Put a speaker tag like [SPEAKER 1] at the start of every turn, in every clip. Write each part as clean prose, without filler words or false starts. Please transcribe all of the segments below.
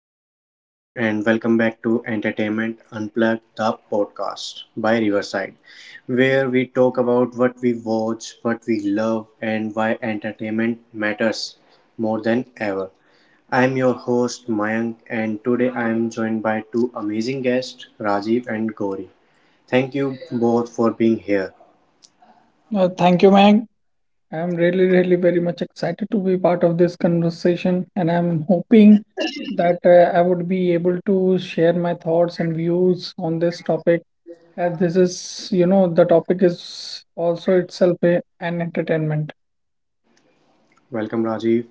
[SPEAKER 1] Hello, everyone, and welcome back to Entertainment Unplugged, the podcast by Riverside, where we talk about what we watch, what we love, and why entertainment matters more than ever. I'm your host, Mayank, and today I'm joined by two amazing guests, Rajiv and Gauri. Thank you both for being here.
[SPEAKER 2] Thank you, Meg. I'm really very much excited to be part of this conversation, and I'm hoping that I would be able to share my thoughts and views on this topic, as this is, you know, the topic is also itself an entertainment.
[SPEAKER 1] Welcome, Rajiv.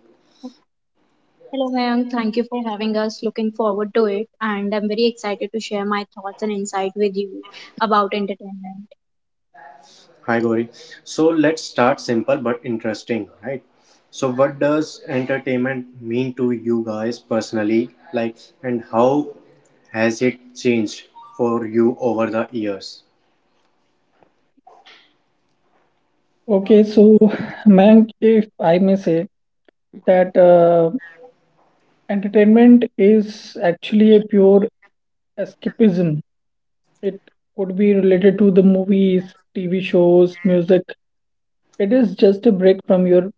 [SPEAKER 3] Hello, Mayank. Thank you for having us. Looking forward to it. And I'm very excited to share my thoughts and insight with you about entertainment.
[SPEAKER 1] Hi Gauri. So let's start simple but interesting, right? So what does entertainment mean to you guys personally? Like and how has it changed for you over the years?
[SPEAKER 2] Okay, so Meg, if I may say that entertainment is actually a pure escapism. It could be related to the movies, TV shows, music. It is just a break from your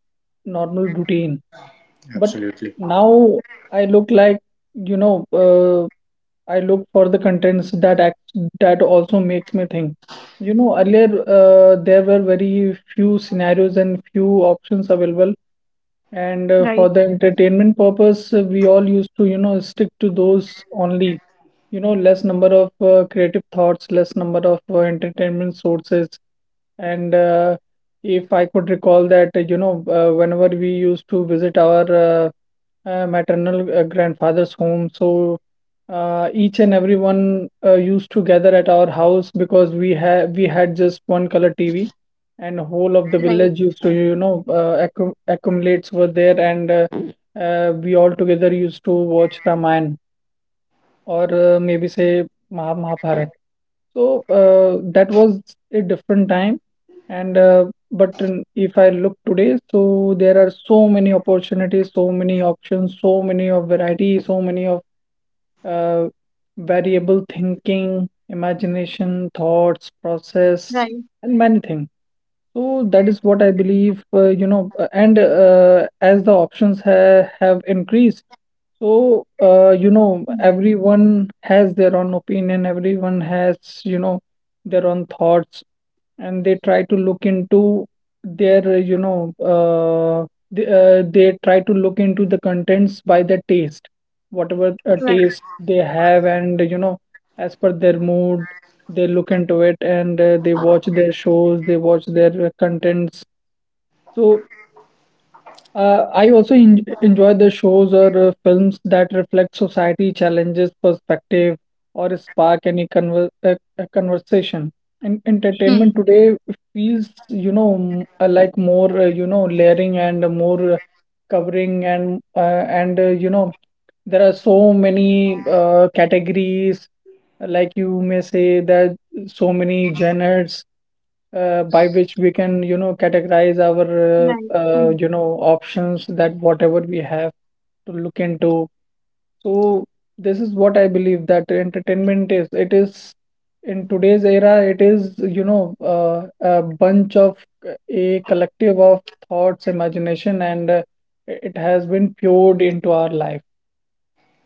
[SPEAKER 2] normal routine. But
[SPEAKER 1] Absolutely.
[SPEAKER 2] now I look like, you know, uh, I look for the contents that also makes me think. You know, earlier there were very few scenarios and few options available and for
[SPEAKER 3] Right,
[SPEAKER 2] the entertainment purpose, we all used to, you know, stick to those only. You know, less number of creative thoughts, less number of entertainment sources. And if I could recall that, whenever we used to visit our maternal grandfather's home, so each and everyone used to gather at our house because we had just one color TV, and whole of the
[SPEAKER 3] right,
[SPEAKER 2] village used to, you know, accumulates were there, and we all together used to watch Ramayana or, maybe say Mahabharata. So that was a different time, and if I look today, so there are so many opportunities, so many options, so many of variety, so many of uh, variable thinking, imagination, thoughts, process,
[SPEAKER 3] right,
[SPEAKER 2] and many things. So that is what I believe, you know, and as the options ha have increased, so, you know,
[SPEAKER 3] hmm,
[SPEAKER 2] everyone has their own opinion, everyone has, you know, their own thoughts, and they try to look into their, you know, they try to look into the contents by the taste, whatever
[SPEAKER 3] right,
[SPEAKER 2] taste they have, and, you know, as per their mood they look into it, and they watch their shows, they watch their contents. So I also en enjoy the shows or films that reflect society challenges, perspective, or spark any a conversation. And entertainment
[SPEAKER 3] hmm,
[SPEAKER 2] today feels, you know, like more, you know, layering and more covering and you know, there are so many categories, like you may say that so many genres by which we can, you know, categorize our
[SPEAKER 3] right,
[SPEAKER 2] uh,
[SPEAKER 3] hmm.
[SPEAKER 2] you know options that whatever we have to look into. So this is what I believe, that entertainment is, it is, in today's era, it is, you know, a bunch of, a collective of thoughts, imagination, and it has been poured into our life.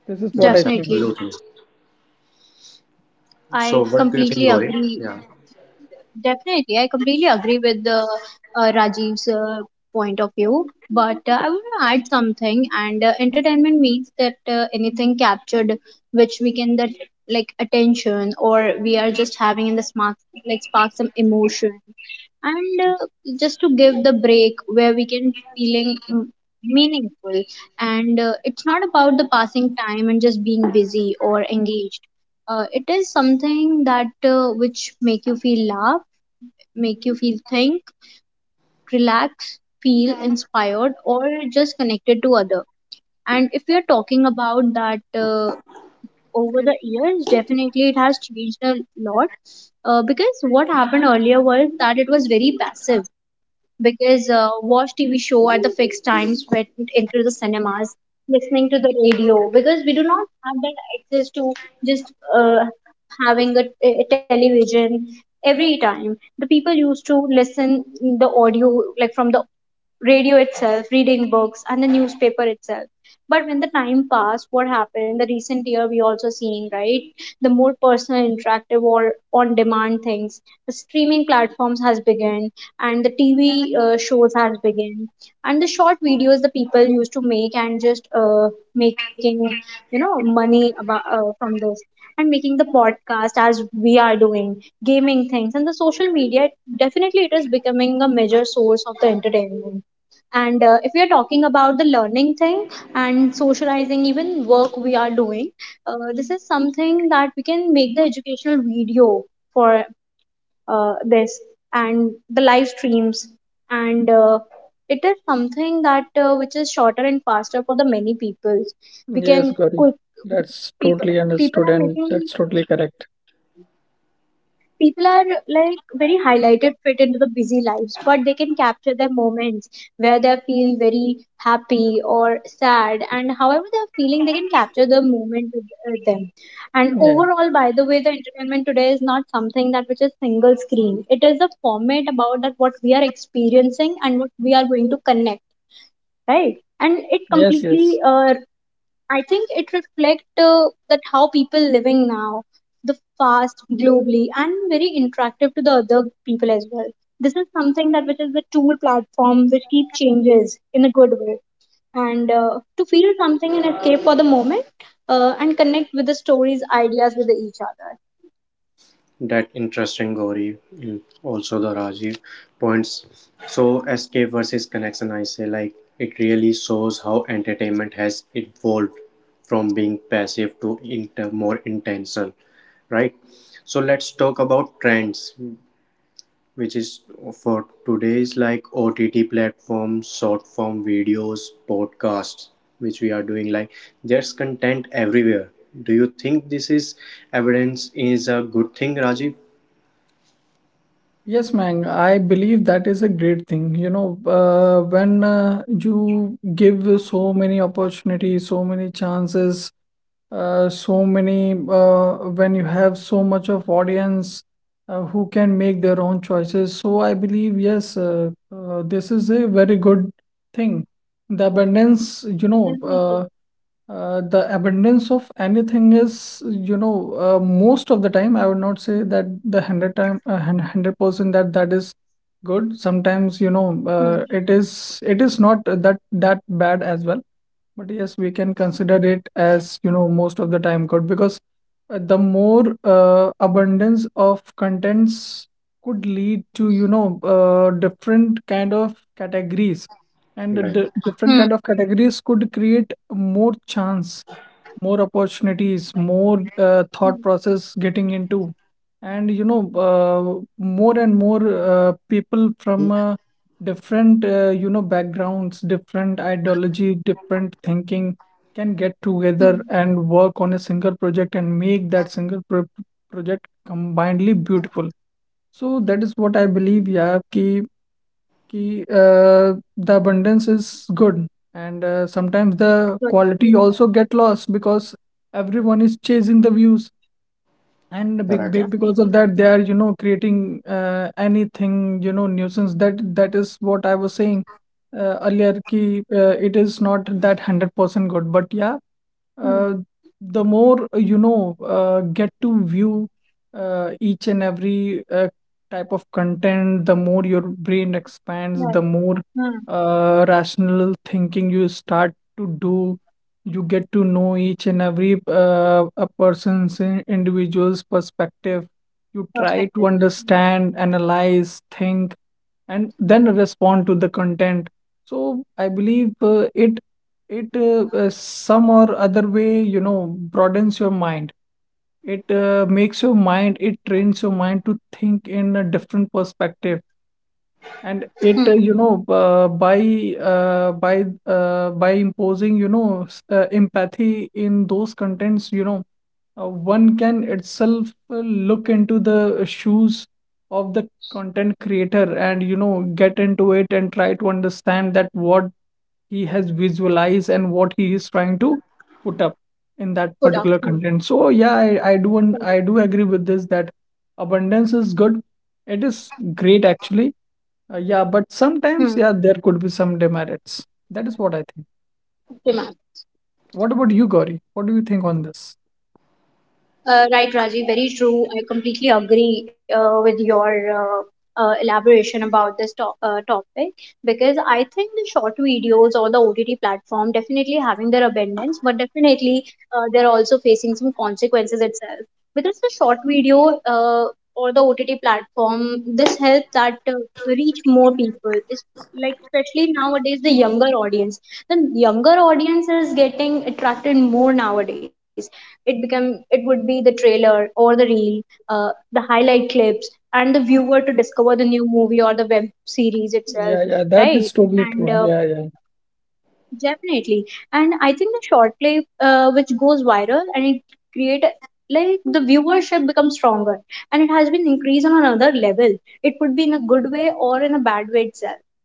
[SPEAKER 2] This is what I
[SPEAKER 1] Yes,
[SPEAKER 2] think.
[SPEAKER 3] Definitely.
[SPEAKER 1] absolutely. So
[SPEAKER 3] I
[SPEAKER 1] what do you think,
[SPEAKER 3] completely
[SPEAKER 1] Gauri?
[SPEAKER 3] agree.
[SPEAKER 1] Yeah.
[SPEAKER 3] Definitely, I completely agree with the Rajiv's point of view, but I want to add something. And entertainment means that anything captured, which we can that like attention, or we are just having in the spark like spark some emotion, and just to give the break where we can feeling meaningful. And it's not about the passing time and just being busy or engaged. It is something that which make you feel laugh, make you feel think, relax, feel inspired or just connected to other. And if we are talking about that, over the years definitely it has changed a lot, because what happened earlier was that it was very passive because watch tv show at the fixed times, went into the cinemas, listening to the radio, because we do not have that access to just uh, having a television. Every time the people used to listen the audio like from the radio itself, reading books and the newspaper itself. But when the time passed, what happened the recent year we also seen, right? The more personal, interactive or on demand things, the streaming platforms has begun, and the tv shows has begun, and the short videos the people used to make and just making, you know, money about, from this, and making the podcast as we are doing, gaming things and the social media. Definitely it is becoming a major source of the entertainment. And if we are talking about the learning thing and socializing, even work we are doing, this is something that we can make the educational video for this, and the live streams. And it is something that which is shorter and faster for the many people we
[SPEAKER 2] Yes,
[SPEAKER 3] can
[SPEAKER 2] Gauri,
[SPEAKER 3] quick.
[SPEAKER 2] that's
[SPEAKER 3] people
[SPEAKER 2] totally
[SPEAKER 3] people
[SPEAKER 2] understood
[SPEAKER 3] are
[SPEAKER 2] and
[SPEAKER 3] making,
[SPEAKER 2] that's totally correct.
[SPEAKER 3] people are like very highlighted, fit into the busy lives, but they can capture their moments where they feel very happy or sad, and however they're feeling they can capture the moment with them. And
[SPEAKER 2] Yeah.
[SPEAKER 3] overall, by the way, the entertainment today is not something that which is single screen. It is a format about that what we are experiencing and what we are going to connect, right? And it
[SPEAKER 2] Yes,
[SPEAKER 3] completely
[SPEAKER 2] yes.
[SPEAKER 3] I think it reflects that how people living now, the fast globally and very interactive to the other people as well. This is something that which is the tool platform which keep changes in a good way, and to feel something and escape for the moment, and connect with the stories, ideas with each other.
[SPEAKER 1] That interesting Gauri, also the Rajiv points. So escape versus connection, I say, like it really shows how entertainment has evolved from being passive to more intentional, right? So let's talk about trends, which is for today's, like, OTT platforms, short form videos, podcasts, which we are doing. Like, there's content everywhere. Do you think this is evidence, is a good thing, Rajiv?
[SPEAKER 2] Yes, man, I believe that is a great thing. You know, when you give so many opportunities, so many chances, when you have so much of audience who can make their own choices. So I believe, yes, this is a very good thing. The abundance,
[SPEAKER 3] Definitely.
[SPEAKER 2] the abundance of anything is, you know, most of the time, I would not say that the 100 time, 100% that that is good. Sometimes,
[SPEAKER 3] Hmm.
[SPEAKER 2] it is not that that bad as well. But yes, we can consider it as, you know, most of the time good because the more abundance of contents could lead to, you know, different kind of categories. And the
[SPEAKER 1] Right.
[SPEAKER 2] different
[SPEAKER 3] Hmm.
[SPEAKER 2] kind of categories could create more chance, more opportunities, more thought
[SPEAKER 3] Hmm.
[SPEAKER 2] process getting into. And, you know, more and more people from
[SPEAKER 1] Mm.
[SPEAKER 2] different you know, backgrounds, different ideology, different thinking can get together
[SPEAKER 3] Hmm.
[SPEAKER 2] and work on a single project and make that project combinedly beautiful. So that is what I believe, yeah, the abundance is good. And sometimes the
[SPEAKER 3] Good.
[SPEAKER 2] quality also
[SPEAKER 3] Hmm.
[SPEAKER 2] get lost because everyone is chasing the views, and
[SPEAKER 1] Correct.
[SPEAKER 2] because
[SPEAKER 3] Definitely.
[SPEAKER 2] of that
[SPEAKER 3] Hmm.
[SPEAKER 2] they are, you know, creating, anything, you know, nuisance. That that is what I was saying earlier, it is not that 100% good, but yeah, uh,
[SPEAKER 3] Hmm.
[SPEAKER 2] the more, get to view each and every type of content, the more your brain expands, the
[SPEAKER 3] Right.
[SPEAKER 2] more
[SPEAKER 3] Hmm.
[SPEAKER 2] rational thinking you start to do. You get to know each and every individual's perspective. You try to
[SPEAKER 3] Perspective. Hmm.
[SPEAKER 2] understand, analyze, think, and then respond to the content. So I believe it it some or other way, you know, broadens your mind. It makes your mind, it trains your mind to think in a different perspective. And it,
[SPEAKER 3] Hmm.
[SPEAKER 2] you know, by imposing, you know, empathy in those contents, you know, one can itself look into the shoes of the content creator and, you know, get into it and try to understand that what he has visualized and what he is trying to put up in that
[SPEAKER 3] Good.
[SPEAKER 2] particular
[SPEAKER 3] Hmm.
[SPEAKER 2] content. So yeah, I I do agree with this, that abundance is good. It is great, actually. Yeah, but
[SPEAKER 3] Hmm.
[SPEAKER 2] sometimes, yeah, there could be some demerits. That is what I think.
[SPEAKER 3] Okay, ma'am.
[SPEAKER 2] What about you, Gauri? What do you think on this?
[SPEAKER 3] Right, Rajiv, very true. I completely agree with your elaboration about this topic, because I think the short videos or the OTT platform definitely having their abundance, but definitely they're also facing some consequences itself. Because the short video or the OTT platform, this helps that reach more people. It's like, especially nowadays, the younger audience, the younger audience is getting attracted more nowadays. It become, it would be the trailer or the reel, the highlight clips, and the viewer to discover the new movie or the web series
[SPEAKER 2] Yeah,
[SPEAKER 3] itself,
[SPEAKER 2] yeah, that
[SPEAKER 3] right?
[SPEAKER 2] is totally
[SPEAKER 3] And
[SPEAKER 2] true. Yeah, yeah.
[SPEAKER 3] definitely, and I think the short clip which goes viral, and it create a- like the viewership becomes stronger and it has been increased on another level. It could be in a good way or in a bad way itself.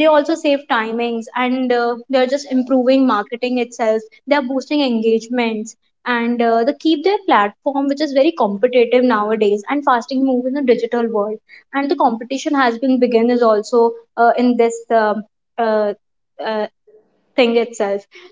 [SPEAKER 3] They also save timings, and they're just improving marketing itself, they're boosting engagements, and they keep their platform which is very competitive nowadays and fasting move in the digital world. And the competition has been begin is also in this uh, uh, thing itself.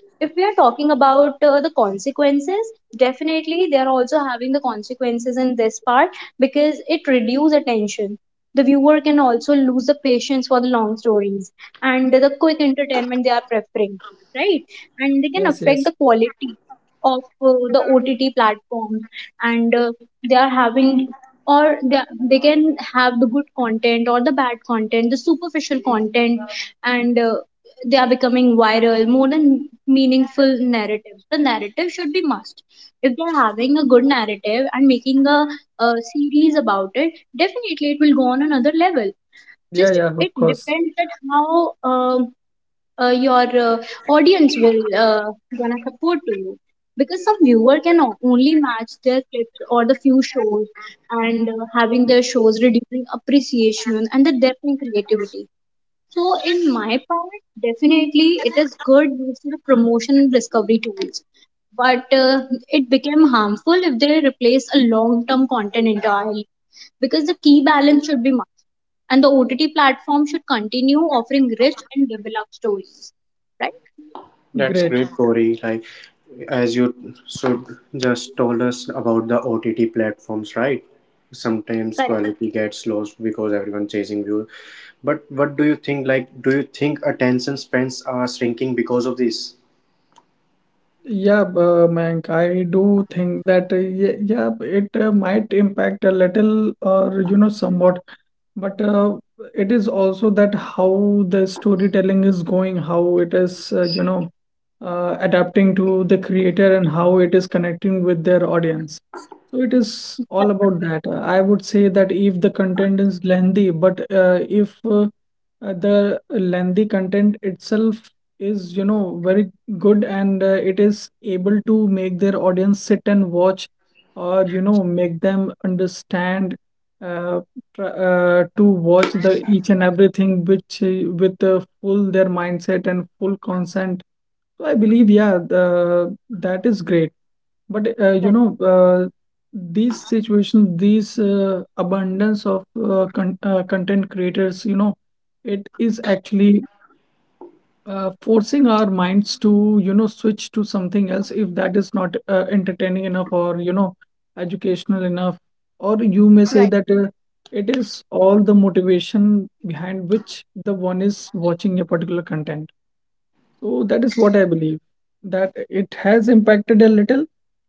[SPEAKER 3] If we are talking about the consequences, definitely they are also having the consequences in this part, because it reduces attention. The viewer can also lose the patience for the long stories, and the quick entertainment they are preferring, right? And they can
[SPEAKER 2] Yes,
[SPEAKER 3] affect the
[SPEAKER 2] yes.
[SPEAKER 3] quality of the OTT platform. And they are having, or they can have the good content or the bad content, the superficial content, and they are becoming viral more than meaningful narratives. The narrative should be must. If they're having a good narrative and making a series about it, definitely it will go on another level.
[SPEAKER 2] Yeah,
[SPEAKER 3] Just
[SPEAKER 2] yeah, of
[SPEAKER 3] it
[SPEAKER 2] course.
[SPEAKER 3] depends that how um your audience will gonna support to you, because some viewer can only match their clips or the few shows, and having their shows reducing appreciation and the depth in creativity. So in my part, definitely it is good use for promotion and discovery tools, but it became harmful if they replace a long-term content entirely, because the key balance should be mastered, and the OTT platform should continue offering rich and developed stories. Right?
[SPEAKER 1] That's
[SPEAKER 2] Great.
[SPEAKER 1] great, Corey. Like, as you so just told us about the OTT platforms, right? Sometimes
[SPEAKER 3] Correct.
[SPEAKER 1] quality gets lost because everyone chasing view. But what do you think? Like, do you think attention spans are shrinking because of this?
[SPEAKER 2] Mayank, I do think that yeah, it might impact a little, or you know, somewhat, but it is also that how the storytelling is going, how it is, adapting to the creator and how it is connecting with their audience. So it is all
[SPEAKER 3] Correct.
[SPEAKER 2] about that. I would say that if the content is lengthy, but if the lengthy content itself is, you know, very good, and it is able to make their audience sit and watch, or, you know, make them understand. uh, to watch the each and everything which, with full their mindset and full consent. So I believe, yeah, that is great. But,
[SPEAKER 3] Correct.
[SPEAKER 2] these situations, these abundance of content creators, you know, it is actually forcing our minds to, you know, switch to something else if that is not entertaining enough, or you know, educational enough, or you may say
[SPEAKER 3] Right.
[SPEAKER 2] that it is all the motivation behind which the one is watching a particular content. So that is what I believe, that it has impacted a little,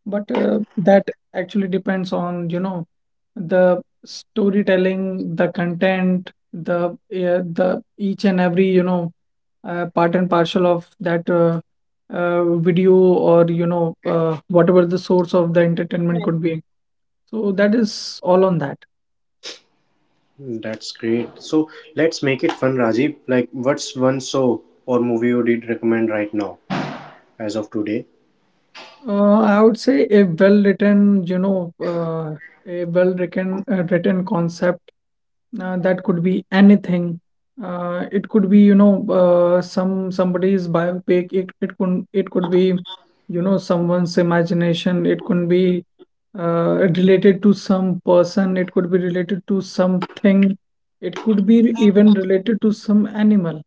[SPEAKER 2] but that actually depends on, you know, the storytelling, the content, the each and every, you know, part and parcel of that video, or, you know, whatever the source of the
[SPEAKER 3] Right.
[SPEAKER 2] entertainment could be. So that is all on that.
[SPEAKER 1] That's great. So let's make it fun, Rajiv. Like, what's one show or movie you did recommend right now, as of today?
[SPEAKER 2] I would say a well-written, you know, a well-written written concept. That could be anything. It could be, you know, somebody's biopic. It could be, you know, someone's imagination. It could be related to some person. It could be related to something. It could be even related to some animal.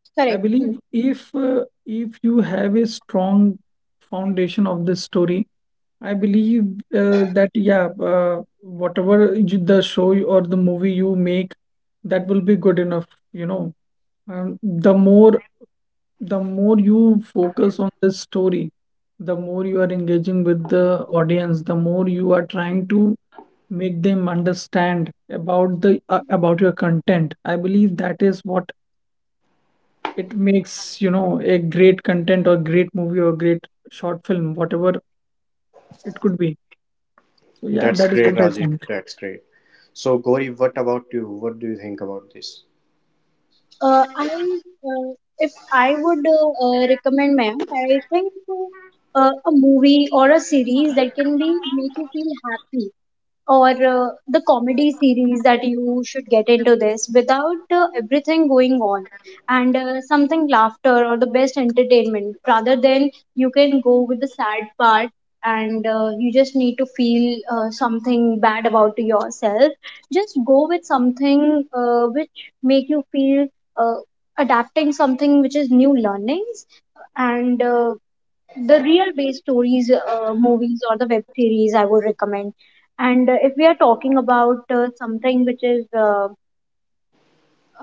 [SPEAKER 3] Correct.
[SPEAKER 2] I
[SPEAKER 3] Hmm.
[SPEAKER 2] believe, if you have a strong foundation of this story, I believe that, yeah, whatever you, the or the movie you make, that will be good enough, you know. Um, the more the more you focus on the story, the more you are engaging with the audience, the more you are trying to make them understand about the about your content. I believe that is what it makes, you know, a great content, or great movie, or great short film, whatever it could be. So yeah,
[SPEAKER 1] That's
[SPEAKER 2] that is
[SPEAKER 1] great,
[SPEAKER 2] what I
[SPEAKER 1] Rajiv.
[SPEAKER 2] think.
[SPEAKER 1] That's great. So, Gauri, what about you? What do you think about this?
[SPEAKER 3] I If I would recommend, ma'am, I think a movie or a series that can be make you feel happy, or the comedy series that you should get into this without everything going on, and something laughter or the best entertainment, rather than you can go with the sad part and you just need to feel something bad about yourself. Just go with something which make you feel uh, adapting something which is new learnings, and the real based stories, movies or the web series I would recommend. And if we are talking about something which is uh,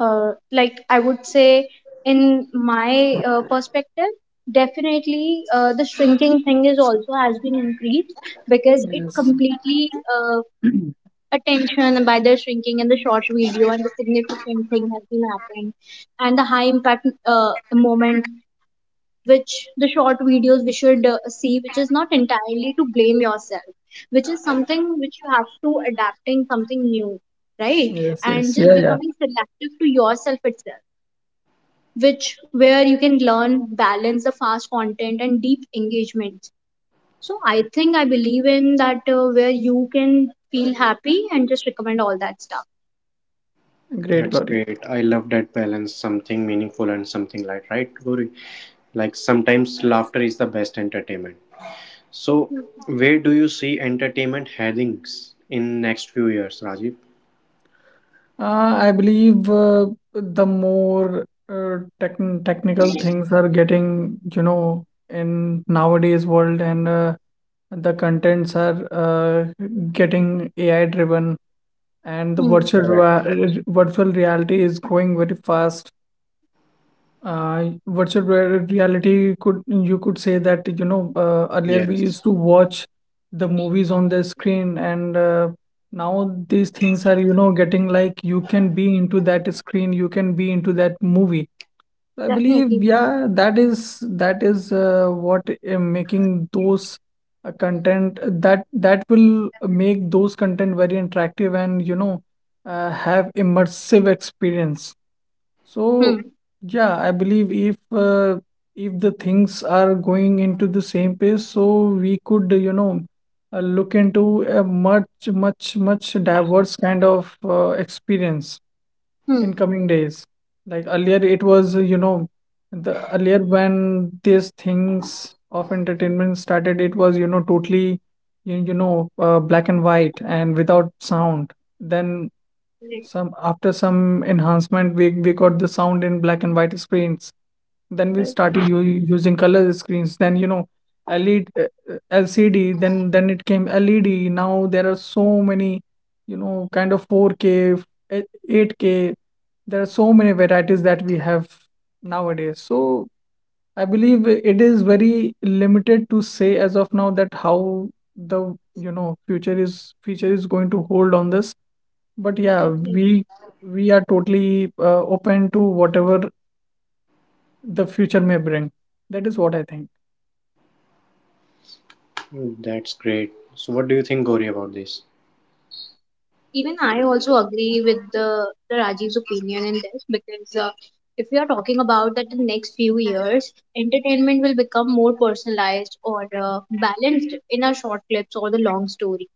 [SPEAKER 3] uh, like, I would say, in my perspective, definitely the shrinking thing is also has been increased, because it
[SPEAKER 2] Yes.
[SPEAKER 3] completely uh, attention by the shrinking in the short video, and the significant thing has been happening, and the high impact moment which the short videos we should see, which is not entirely to blame yourself, which is something which you have to adapting something new, right?
[SPEAKER 2] Yes,
[SPEAKER 3] And
[SPEAKER 2] yes.
[SPEAKER 3] just
[SPEAKER 2] Yeah, yeah.
[SPEAKER 3] becoming selective to yourself itself, which where you can learn balance the fast content and deep engagement. So I think I believe in that where you can feel happy and just recommend all that stuff.
[SPEAKER 2] Great,
[SPEAKER 1] That's
[SPEAKER 2] Gauri.
[SPEAKER 1] great. I love that balance, something meaningful and something light, right, Gauri? Like sometimes laughter is the best entertainment. So, where do you see entertainment headings in next few years, Rajiv?
[SPEAKER 2] I believe the more technical things are getting, you know, in nowadays world, and the contents are getting AI driven, and the
[SPEAKER 3] Hmm,
[SPEAKER 1] Correct.
[SPEAKER 2] virtual reality is growing very fast. Reality, could, you could say that, you know, earlier we used
[SPEAKER 1] Yes.
[SPEAKER 2] to watch the movies on the screen, and now these things are, you know, getting, like you can be into that screen, you can be into that movie. I believe,
[SPEAKER 3] definitely.
[SPEAKER 2] yeah, that is what making those content that that will make those content very interactive, and you know, have immersive experience. So,
[SPEAKER 3] Hmm,
[SPEAKER 2] yeah, I believe if the things are going into the same pace, so we could, you know, look into a much, much, much diverse kind of experience in
[SPEAKER 3] hmm.
[SPEAKER 2] coming days. Like earlier, it was, you know, the earlier when these things of entertainment started, it was, you know, totally, you know, black and white, and without sound. Then
[SPEAKER 3] Right,
[SPEAKER 2] some, after some enhancement, we got the sound in black and white screens. Then we
[SPEAKER 3] right,
[SPEAKER 2] started using color screens. Then you know, LED, LCD. Then it came LED. Now there are so many, you know, kind of 4K, eh, 8K. There are so many varieties that we have nowadays. So I believe it is very limited to say as of now that how the, you know, future is going to hold on this, but yeah,
[SPEAKER 3] definitely.
[SPEAKER 2] we are totally open to whatever the future may bring. That is what I think.
[SPEAKER 1] That's great. So, what do you think, Gauri, about this?
[SPEAKER 3] Even I also agree with the Rajiv's opinion in this, because if we are talking about that the next few years, entertainment will become more personalized or balanced in our short clips or the long stories,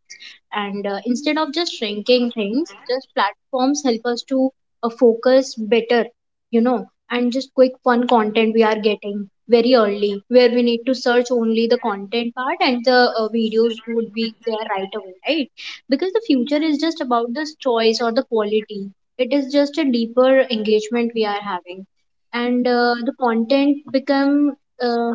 [SPEAKER 3] and instead of just shrinking things, just platforms help us to focus better, you know, and just quick fun content we are getting very early, where we need to search only the content part, and the videos would be there right away, right? Because the future is just about this choice or the quality. It is just a deeper engagement we are having, and the content become uh,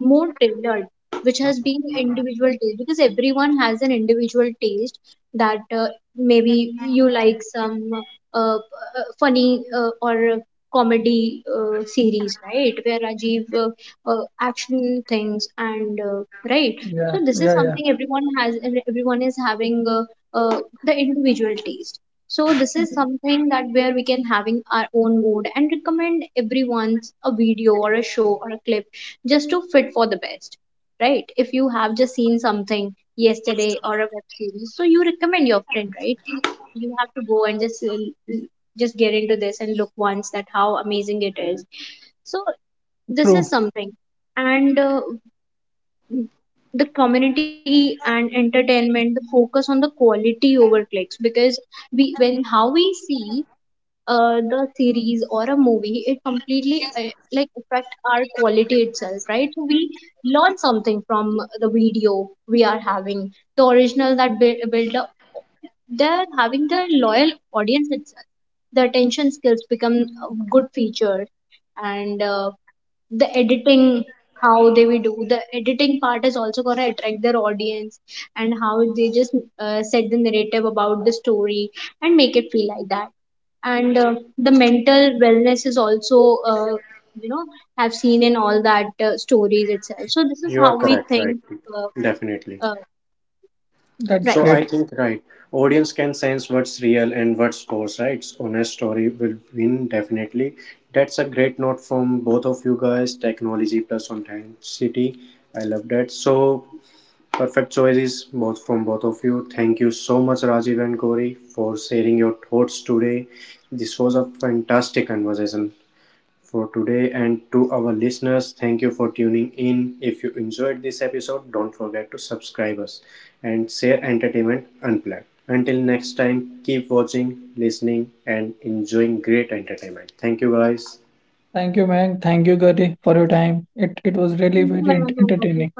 [SPEAKER 3] more tailored, which has been individual taste, because everyone has an individual taste. That maybe you like some funny or comedy series, right, where Rajiv action things, and right,
[SPEAKER 2] Yeah,
[SPEAKER 3] so this
[SPEAKER 2] yeah,
[SPEAKER 3] is
[SPEAKER 2] yeah.
[SPEAKER 3] something everyone has, everyone is having uh, the individual taste. So this is something that where we can having our own mood, and recommend everyone's a video or a show or a clip, just to fit for the best, right? If you have just seen something yesterday or a web series, so you recommend your friend, right? कि You have to go and just l- just get into this and look once that how amazing it is. So this
[SPEAKER 2] True.
[SPEAKER 3] is something, and the community and entertainment the focus on the quality over clicks, because we when how we see the series or a movie, it completely like affect our quality itself, right? So we learn something from the video. We are having the original that build up. They're having the loyal audience itself. The attention skills become a good feature, and the editing, how they will do the editing part is also going to attract their audience, and how they just set the narrative about the story and make it feel like that. And the mental wellness is also you know, have seen in all that stories itself. So this is
[SPEAKER 1] You are
[SPEAKER 3] how we
[SPEAKER 1] correct, right?
[SPEAKER 3] think. uh,
[SPEAKER 1] Definitely.
[SPEAKER 3] uh,
[SPEAKER 2] That's
[SPEAKER 1] So
[SPEAKER 3] right.
[SPEAKER 1] I
[SPEAKER 2] great.
[SPEAKER 1] think, right, audience can sense what's real and what's false, right? So honest story will win definitely. That's a great note from both of you guys. Technology plus authenticity. I love that. So perfect choices both from both of you. Thank you so much, Rajiv and Corey, for sharing your thoughts today. This was a fantastic conversation for today. And to our listeners, thank you for tuning in. If you enjoyed this episode, don't forget to subscribe us and share Entertainment Unplugged. Until next time, keep watching, listening, and enjoying great entertainment. Thank you, guys.
[SPEAKER 2] Thank you, Meg. Thank you, Gary, for your time. It was
[SPEAKER 3] Thank
[SPEAKER 2] really
[SPEAKER 3] you,
[SPEAKER 2] very
[SPEAKER 3] Madam, for
[SPEAKER 2] entertaining.
[SPEAKER 3] having